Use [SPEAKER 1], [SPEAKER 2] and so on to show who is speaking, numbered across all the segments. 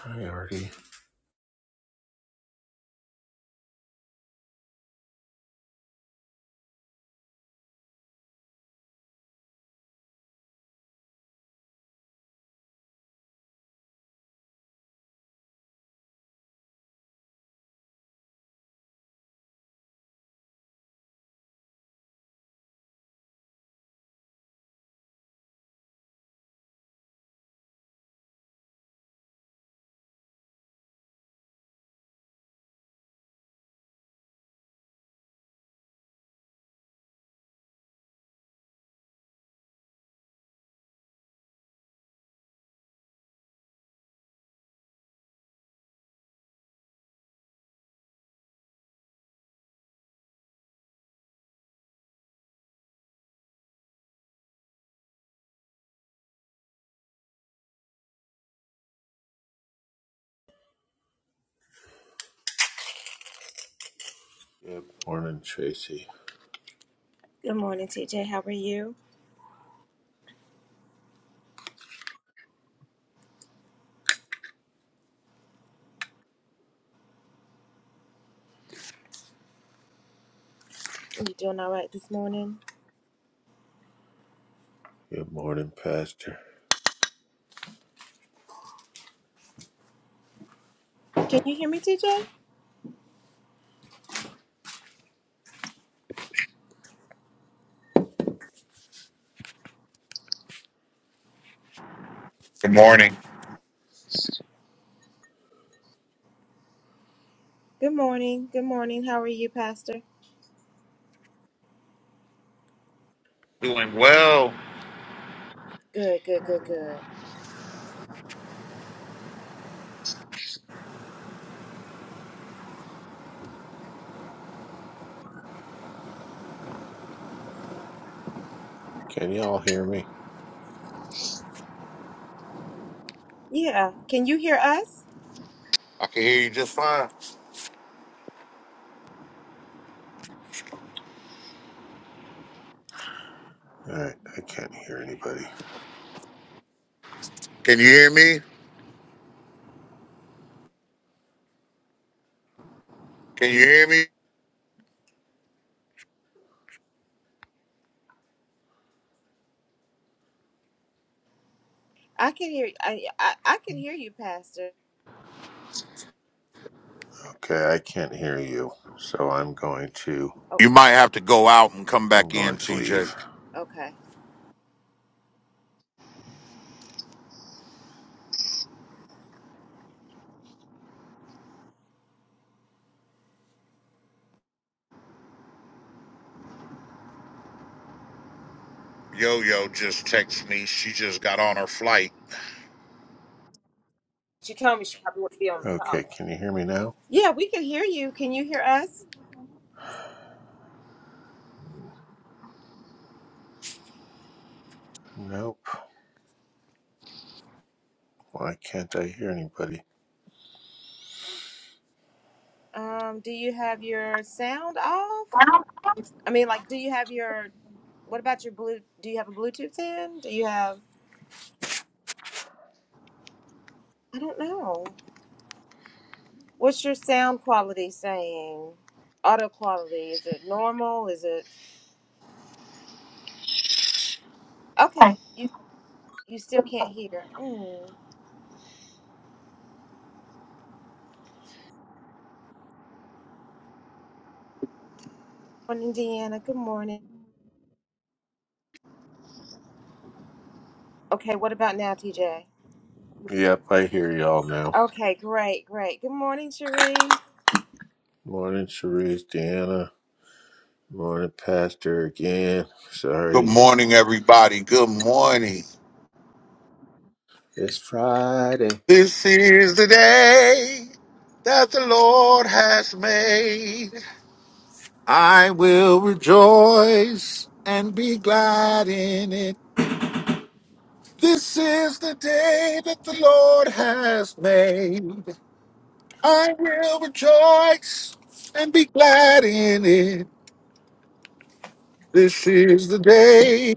[SPEAKER 1] Priority. Good morning, Tracy.
[SPEAKER 2] Good morning, TJ. How are you? Are you doing all right this morning?
[SPEAKER 1] Good morning, Pastor.
[SPEAKER 2] Can you hear me, TJ?
[SPEAKER 3] Good morning.
[SPEAKER 2] Good morning. Good morning. How are you, Pastor?
[SPEAKER 3] Doing well.
[SPEAKER 2] Good, good, good, good.
[SPEAKER 1] Can y'all hear me?
[SPEAKER 2] Yeah. Can you hear us?
[SPEAKER 3] I can hear you just fine.
[SPEAKER 1] All right, I can't hear anybody.
[SPEAKER 3] Can you hear me? Can you hear me?
[SPEAKER 2] I can hear I I, I can hear you, Pastor.
[SPEAKER 1] Okay, I can't hear you, so I'm going to
[SPEAKER 2] Oh,
[SPEAKER 3] You might have to go out and come
[SPEAKER 1] I'm
[SPEAKER 3] back in,
[SPEAKER 1] going to
[SPEAKER 3] TJ.
[SPEAKER 1] leave.
[SPEAKER 2] okay.
[SPEAKER 3] Yo yo just texted me. She just got on her flight.
[SPEAKER 2] She told me she probably wouldn't be on the call.
[SPEAKER 1] Okay, can you hear me now?
[SPEAKER 2] Yeah, we can hear you. Can you hear us?
[SPEAKER 1] Nope. Why can't I hear anybody?
[SPEAKER 2] Um, do you have your sound off? I mean, like, do you have your what about your blue do you have a Bluetooth in? Do you have I don't know. What's your sound quality saying? Auto quality. Is it normal? Is it
[SPEAKER 3] Hi.
[SPEAKER 2] okay? You you still can't hear. Mm. Morning, Deanna. Good morning. Okay, what about now, TJ?
[SPEAKER 1] Yep, I hear y'all now.
[SPEAKER 2] Okay, great, great. Good morning, Cherie.
[SPEAKER 1] Morning, Cherise, Deanna. Morning, Pastor again.
[SPEAKER 3] Good
[SPEAKER 1] Sorry,
[SPEAKER 3] morning, everybody. Good morning.
[SPEAKER 1] it's Friday.
[SPEAKER 3] This is the day that the Lord has made. I will rejoice and be glad in it. This is the day that the Lord has made. I will rejoice and be glad in it. This is the day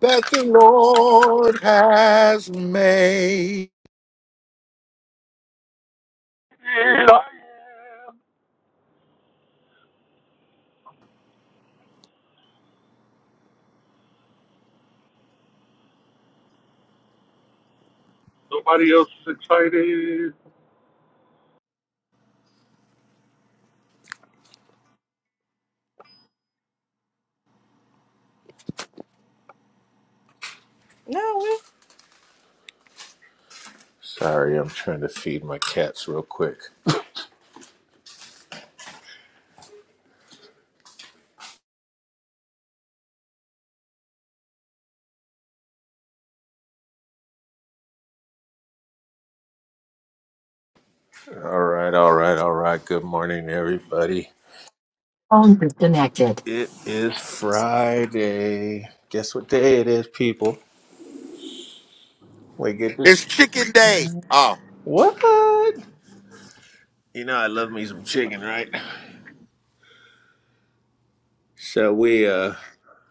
[SPEAKER 3] that the Lord has made. Here I am. Nobody else is excited.
[SPEAKER 2] No,
[SPEAKER 1] Sorry, I'm trying to feed my cats real quick. All right, all right, all right. Good morning, everybody.
[SPEAKER 3] Phone disconnected.
[SPEAKER 1] It is Friday. Guess what day it is, people? We get
[SPEAKER 3] It's
[SPEAKER 1] this.
[SPEAKER 3] chicken
[SPEAKER 4] Yes,
[SPEAKER 3] day. Oh,
[SPEAKER 1] What? You know, I love me some chicken, right? So we uh,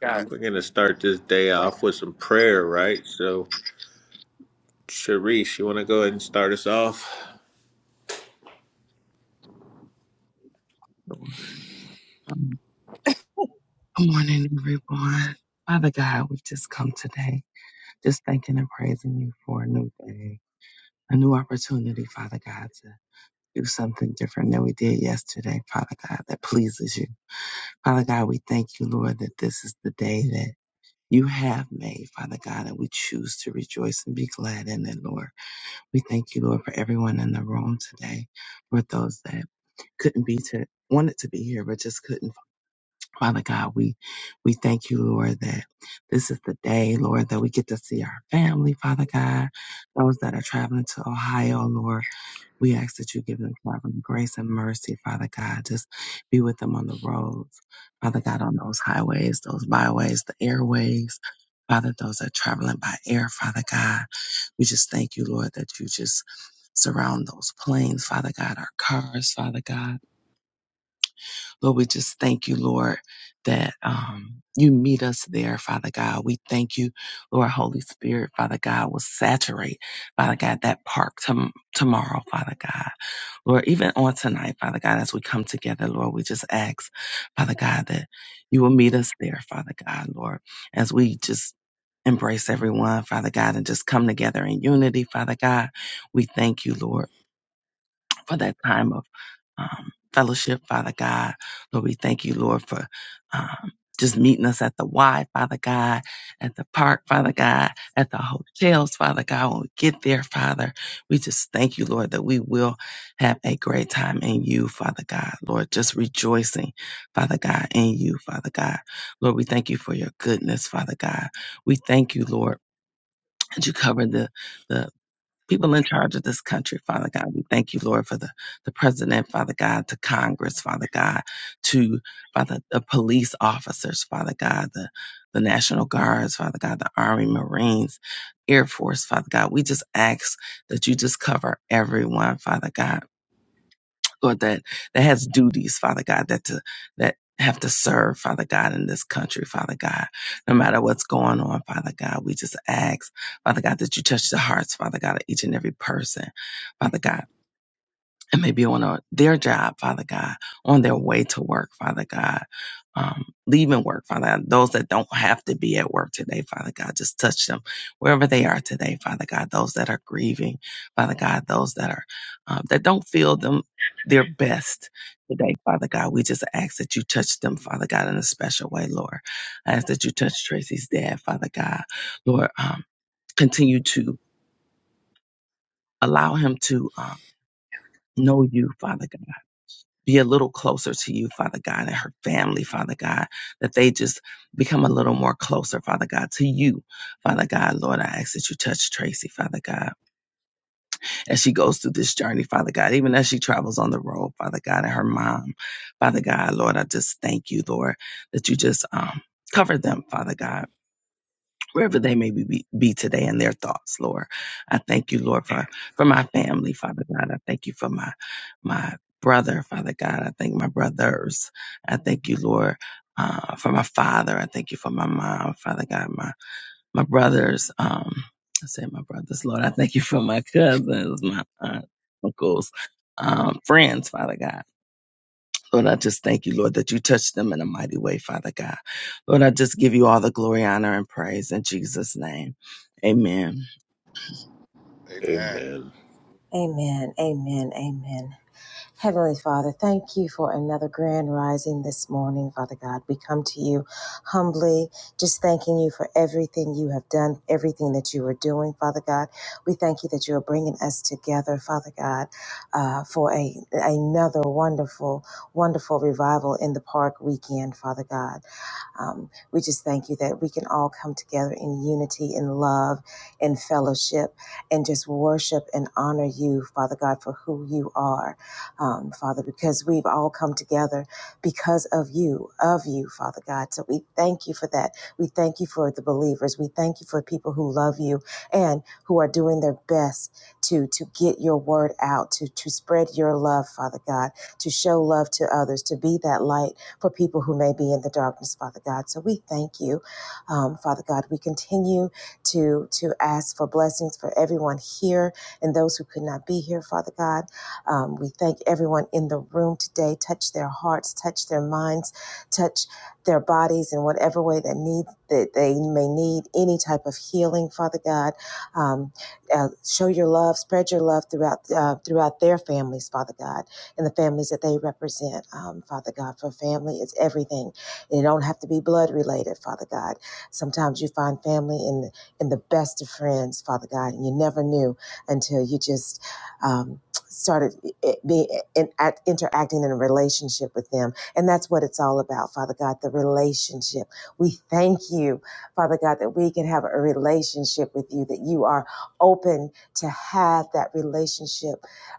[SPEAKER 3] God.
[SPEAKER 1] we're gonna start this day off with some prayer, right? So, Sharice, you want to go ahead and start us off?
[SPEAKER 4] Lord. Um, Good morning, everyone. Father God, we just come today just thanking and praising you for a new day, a new opportunity, Father God, to do something different than we did yesterday, Father God, that pleases you. Father God, we thank you, Lord, that this is the day that you have made, Father God, and we choose to rejoice and be glad in it, Lord. We thank you, Lord, for everyone in the room today, for those that couldn't be to wanted to be here but just couldn't Father God, we, we thank you, Lord, that this is the day, Lord, that we get to see our family, Father God. Those that are traveling to Ohio, Lord, we ask that you give them traveling grace and mercy, Father God. Just be with them on the roads, Father God, on those highways, those byways, the airways. Father, those that are traveling by air, Father God, we just thank you, Lord, that you just surround those planes, Father God, our cars, Father God. Lord, we just thank you, Lord, that um, you meet us there, Father God. We thank you, Lord, Holy Spirit, Father God, will saturate, Father God, that park tom- tomorrow, Father God. Lord, even on tonight, Father God, as we come together, Lord, we just ask, Father God, that you will meet us there, Father God, Lord, as we just embrace everyone, Father God, and just come together in unity, Father God. We thank you, Lord for that time of um, fellowship, Father God. Lord, we thank you, Lord, for um, just meeting us at the Y, Father God, at the park, Father God, at the hotels, Father God. When we get there, Father, we just thank you, Lord, that we will have a great time in you, Father God. Lord, just rejoicing, Father God, in you, Father God. Lord, we thank you for your goodness, Father God. We thank you, Lord, that you cover the, the people in charge of this country, Father God. We thank you, Lord, for the, the president, Father God, to Congress, Father God, to Father the police officers, Father God, the the National Guards, Father God, the Army, Marines, Air Force, Father God. We just ask that you just cover everyone, Father God. Lord, that that has duties, Father God, that to that have to serve, Father God, in this country, Father God. No matter what's going on, Father God, we just ask, Father God, that you touch the hearts, Father God, of each and every person, Father God and maybe on a, their job, Father God, on their way to work, Father God, um, leaving work, Father God, those that don't have to be at work today, Father God, just touch them wherever they are today, Father God, those that are grieving, Father God, those that are, um, that don't feel them their best today, Father God. We just ask that you touch them, Father God, in a special way, Lord. I ask that you touch Tracy's dad, Father God. Lord, um, continue to allow him to, um, know you, Father God be a little closer to you, Father God, and her family, Father God, that they just become a little more closer, Father God, to you, Father God. Lord, I ask that you touch Tracy, Father God, as she goes through this journey, Father God, even as she travels on the road, Father God, and her mom, Father God, Lord, I just thank you, Lord, that you just um, cover them, Father God wherever they may be, be today in their thoughts, Lord. I thank you, Lord, for, for my family, Father God. I thank you for my my brother, Father God. I thank my brothers. I thank you, Lord, uh, for my father. I thank you for my mom, Father God, my my brothers. Um, I say my brothers, Lord. I thank you for my cousins, my aunt, uncles, um, friends, Father God. Lord, I just thank you, Lord, that you touched them in a mighty way, Father God. Lord, I just give you all the glory, honor, and praise in Jesus' name. Amen.
[SPEAKER 3] Amen.
[SPEAKER 1] Amen.
[SPEAKER 2] Amen. Amen. Amen. Heavenly Father, thank you for another grand rising this morning, Father God. We come to you humbly, just thanking you for everything you have done, everything that you are doing, Father God. We thank you that you are bringing us together, Father God, uh, for a another wonderful, wonderful revival in the park. We, God, um, we just gather unity in love and fellowship and just honor the God who you are, um, Father, because of you, Father. that we believe are people like you and who are to to to Father God, to show love to others, to be that light for people who may be in the darkness, Father God. So we thank you, um, Father God. We continue to, to ask for blessings for everyone here and those who could not be here, Father God. Um, we thank everyone in the room today. Touch their hearts, touch their minds, touch their bodies in whatever way that need that they may need any type of healing, Father God. Um, uh, show your love, spread your love throughout uh, throughout their families, Father God and the families that they represent, um, Father God. For family is everything. it don't have to be blood related, Father God. Sometimes you find family in the, in the best of friends, Father God, and you never knew until you just um, started being in, act, interacting in a relationship with them. And that's what it's all about, Father God, the relationship. We thank you, Father God, that we can have a relationship with you, that you are open to have that relationship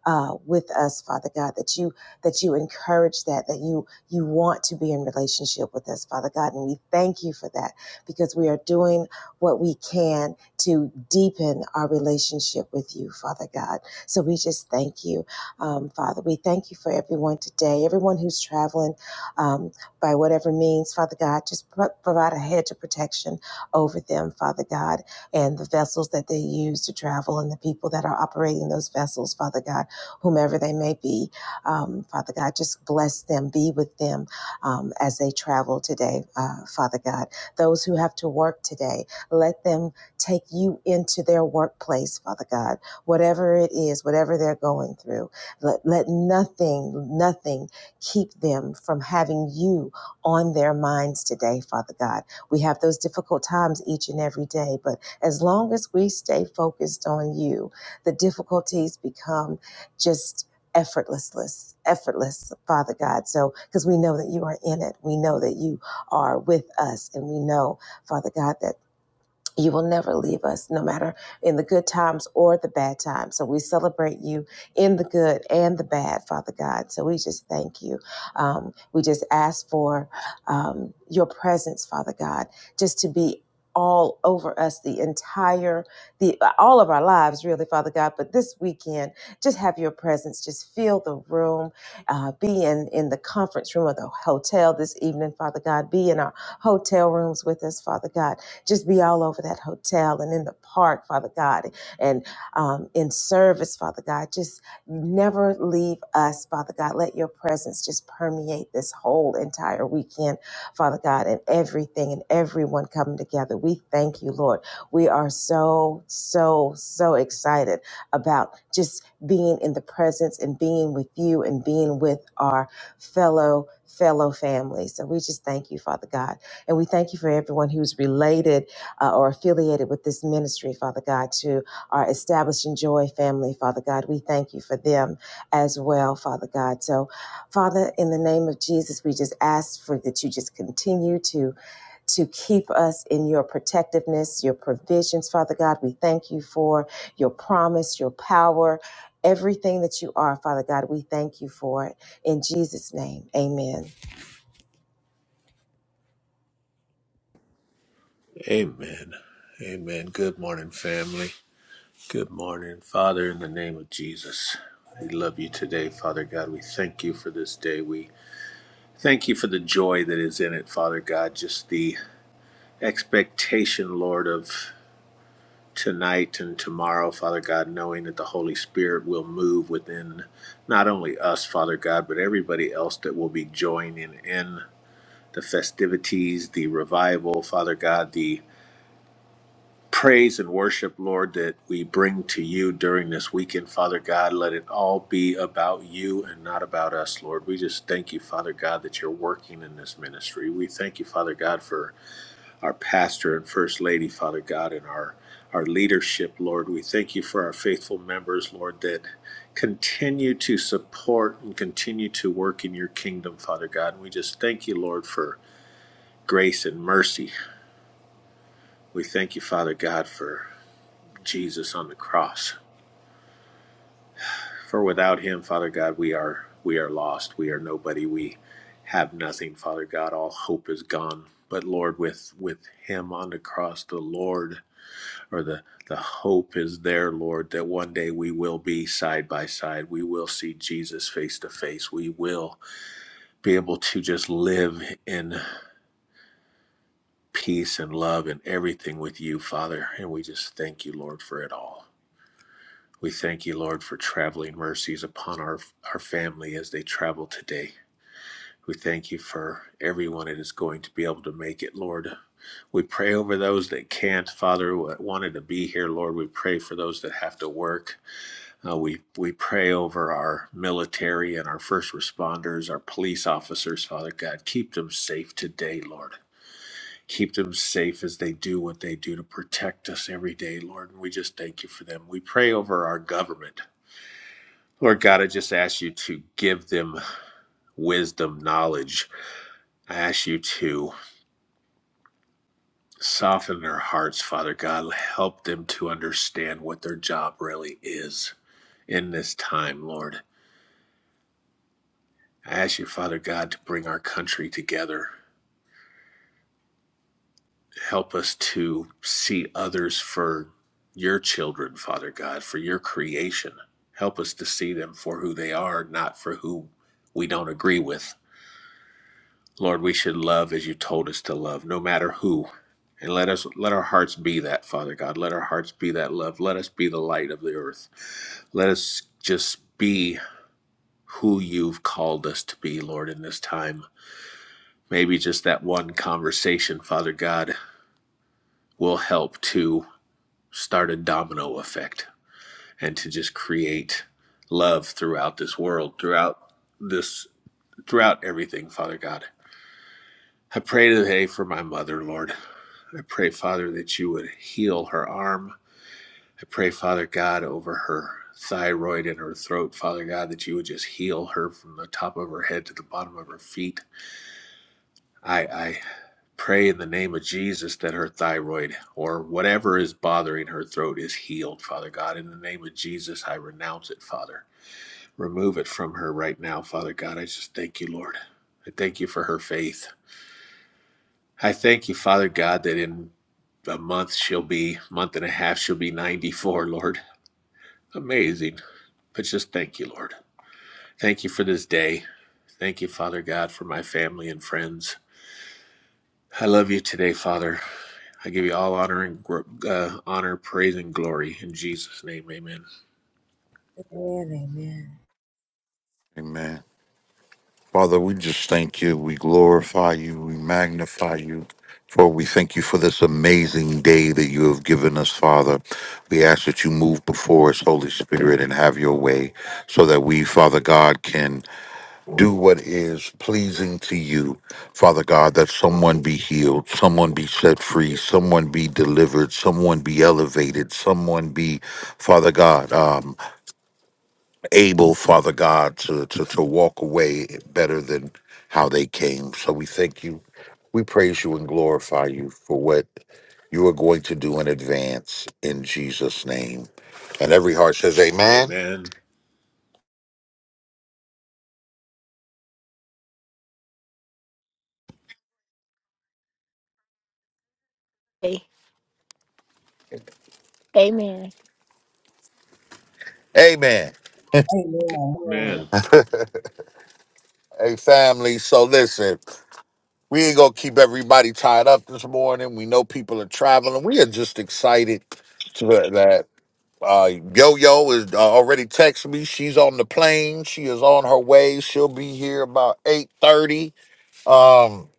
[SPEAKER 2] uh, with us, Father God, that you that you encourage that, that you you want to be in relationship with us, Father God. And we thank you for that because we are doing what we can to deepen our relationship with you, Father God. So we just thank you, um, Father. We thank you for everyone today, everyone who's traveling um, by whatever means, Father God. Just pro- provide a hedge of protection over them, Father God, and the vessels that they use to travel and the people that are operating those vessels, Father God whomever they may be. Um, Father God, just bless them, be with them um, as they travel today, uh, Father God. Those who have to work today, let them take you into their workplace, Father God. Whatever it is, whatever they're going through, let, let nothing, nothing keep them from having you on their minds today, Father God. We have those difficult times each and every day, but as long as we stay focused on you, the difficulties become just effortlessness, effortless, Father God. So, because we know that you are in it, we know that you are with us, and we know, Father God, that you will never leave us, no matter in the good times or the bad times. So we celebrate you in the good and the bad, Father God. So we just thank you. Um, we just ask for um, your presence, Father God, just to be all over us the entire the all of our lives really father god but this weekend just have your presence just fill the room uh, be in in the conference room of the hotel this evening father god be in our hotel rooms with us father god just be all over that hotel and in the park, Father God, and um, in service, Father God. Just never leave us, Father God. Let your presence just permeate this whole entire weekend, Father God, and everything and everyone coming together. We thank you, Lord. We are so, so, so excited about just being in the presence and being with you and being with our fellow fellow family. So we just thank you, Father God. And we thank you for everyone who's related uh, or affiliated with this ministry, Father God, to our Establishing Joy family, Father God. We thank you for them as well, Father God. So, Father, in the name of Jesus, we just ask for that you just continue to to keep us in your protectiveness, your provisions, Father God. We thank you for your promise, your power, everything that you are, Father God. We thank you for it. In Jesus' name, amen.
[SPEAKER 1] Amen. Amen. Good morning, family. Good morning, Father. In the name of Jesus, we love you today, Father God. We thank you for this day. We Thank you for the joy that is in it, Father God. Just the expectation, Lord, of tonight and tomorrow, Father God, knowing that the Holy Spirit will move within not only us, Father God, but everybody else that will be joining in the festivities, the revival, Father God, the praise and worship, Lord, that we bring to you during this weekend, Father God. Let it all be about you and not about us, Lord. We just thank you, Father God, that you're working in this ministry. We thank you, Father God, for our pastor and first lady, Father God, and our our leadership, Lord. We thank you for our faithful members, Lord, that continue to support and continue to work in your kingdom, Father God. And we just thank you, Lord, for grace and mercy. We thank you, Father God, for Jesus on the cross. For without him, Father God, we are we are lost. We are nobody. We have nothing, Father God. All hope is gone. But Lord, with with him on the cross, the Lord or the the hope is there, Lord, that one day we will be side by side. We will see Jesus face to face. We will be able to just live in peace and love and everything with you, Father. And we just thank you, Lord, for it all. We thank you, Lord, for traveling mercies upon our our family as they travel today. We thank you for everyone that is going to be able to make it, Lord. We pray over those that can't, Father, what wanted to be here, Lord. We pray for those that have to work. Uh, we we pray over our military and our first responders, our police officers, Father God. Keep them safe today, Lord. Keep them safe as they do what they do to protect us every day, Lord. And we just thank you for them. We pray over our government. Lord God, I just ask you to give them wisdom, knowledge. I ask you to Soften their hearts, Father God. Help them to understand what their job really is in this time, Lord. I ask you, Father God, to bring our country together. Help us to see others for your children, Father God, for your creation. Help us to see them for who they are, not for who we don't agree with. Lord, we should love as you told us to love, no matter who. And let us let our hearts be that, Father God. Let our hearts be that love. Let us be the light of the earth. Let us just be who you've called us to be, Lord, in this time. Maybe just that one conversation, Father God, will help to start a domino effect and to just create love throughout this world, throughout this, throughout everything, Father God. I pray today for my mother, Lord. I pray, Father, that you would heal her arm I pray, Father God, over her thyroid and her throat, Father God, that you would just heal her from the top of her head to the bottom of her feet. I, I pray in the name of Jesus that her thyroid or whatever is bothering her throat is healed, Father God. In the name of Jesus, I renounce it, Father. Remove it from her right now, Father God. I just thank you, Lord. I thank you for her faith. I thank you, Father God, that in a month she'll be, month and a half, she'll be 94, Lord. Amazing. But just thank you, Lord. Thank you for this day. Thank you, Father God, for my family and friends. I love you today, Father. I give you all honor and uh, honor, praise, and glory in Jesus' name. Amen.
[SPEAKER 3] Amen. Father, we just thank you. We glorify you. We magnify you. For we thank you for this amazing day that you have given us, Father. We ask that you move before us, Holy Spirit, and have your way so that we, Father God, can do what is pleasing to you. Father God, that someone be healed, someone be set free, someone be delivered, someone be elevated, someone be, Father God, um, able, Father God, to, to, to walk away better than how they came. So we thank you. We praise you and glorify you for what you are going to do in advance in Jesus' name. And every heart says, Amen.
[SPEAKER 1] Amen.
[SPEAKER 3] A- Amen. Amen.
[SPEAKER 2] Amen.
[SPEAKER 1] Amen.
[SPEAKER 3] Hey, family. So listen, we ain't gonna keep everybody tied up this morning. We know people are traveling. We are just excited to that. Uh, Yo Yo is uh, already text me. She's on the plane. She is on her way. She'll be here about eight thirty um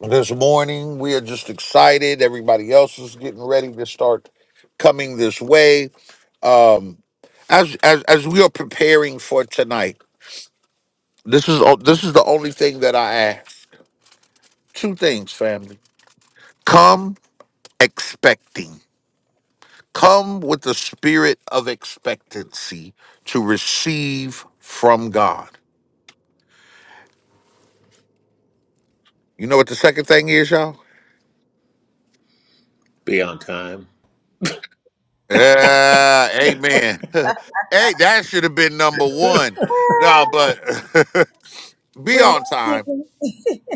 [SPEAKER 3] this morning. We are just excited. Everybody else is getting ready to start coming this way. Um, as as as we are preparing for tonight, this is o- this is the only thing that I ask. Two things, family. Come expecting. Come with the spirit of expectancy to receive from God You know what the second thing is, y'all?
[SPEAKER 1] Be on time.
[SPEAKER 3] Yeah, amen. hey, that should have been number one. No, but be on time.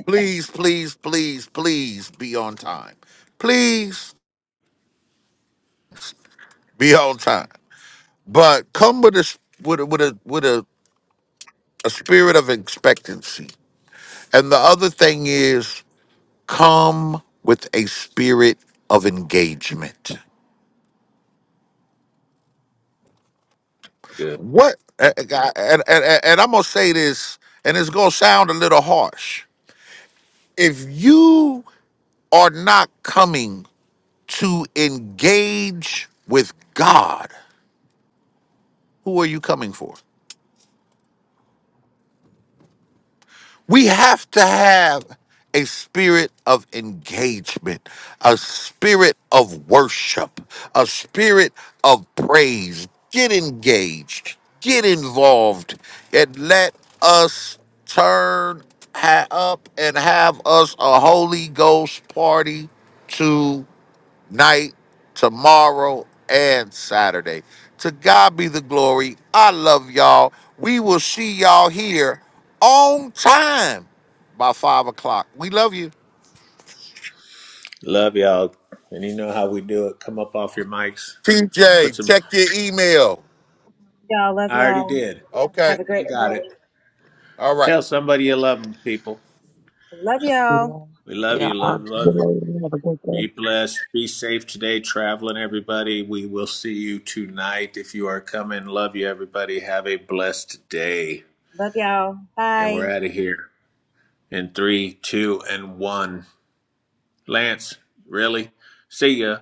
[SPEAKER 3] Please, please, please, please be on time. Please be on time. But come with a s- with a with a with a, a spirit of expectancy. And the other thing is come with a spirit of engagement.
[SPEAKER 1] Good.
[SPEAKER 3] What? And, and, and, and I'm going to say this, and it's going to sound a little harsh. If you are not coming to engage with God, who are you coming for? We have to have a spirit of engagement, a spirit of worship, a spirit of praise. Get engaged, get involved, and let us turn ha- up and have us a Holy Ghost party night, tomorrow, and Saturday. To God be the glory. I love y'all. We will see y'all here on time by five o'clock. We love you.
[SPEAKER 1] Love y'all. And you know how we do it. Come up off your mics. Put
[SPEAKER 3] TJ,
[SPEAKER 1] some.
[SPEAKER 3] check your email.
[SPEAKER 2] Y'all love
[SPEAKER 1] I already
[SPEAKER 2] y'all.
[SPEAKER 1] did.
[SPEAKER 2] Have
[SPEAKER 3] Okay.
[SPEAKER 2] a
[SPEAKER 1] I
[SPEAKER 2] great
[SPEAKER 1] got it.
[SPEAKER 2] night.
[SPEAKER 3] All right.
[SPEAKER 1] Tell somebody you love them, people.
[SPEAKER 2] Love y'all.
[SPEAKER 4] Yeah.
[SPEAKER 1] We love
[SPEAKER 4] Yeah,
[SPEAKER 1] you. Love, love.
[SPEAKER 4] I-
[SPEAKER 1] Be blessed. Be safe today, traveling, everybody. We will see you tonight if you are coming. Love you, everybody. Have a blessed day.
[SPEAKER 2] Love y'all.
[SPEAKER 1] And
[SPEAKER 2] Bye.
[SPEAKER 1] we're out of here in three, two, and one. Lance, really? See ya.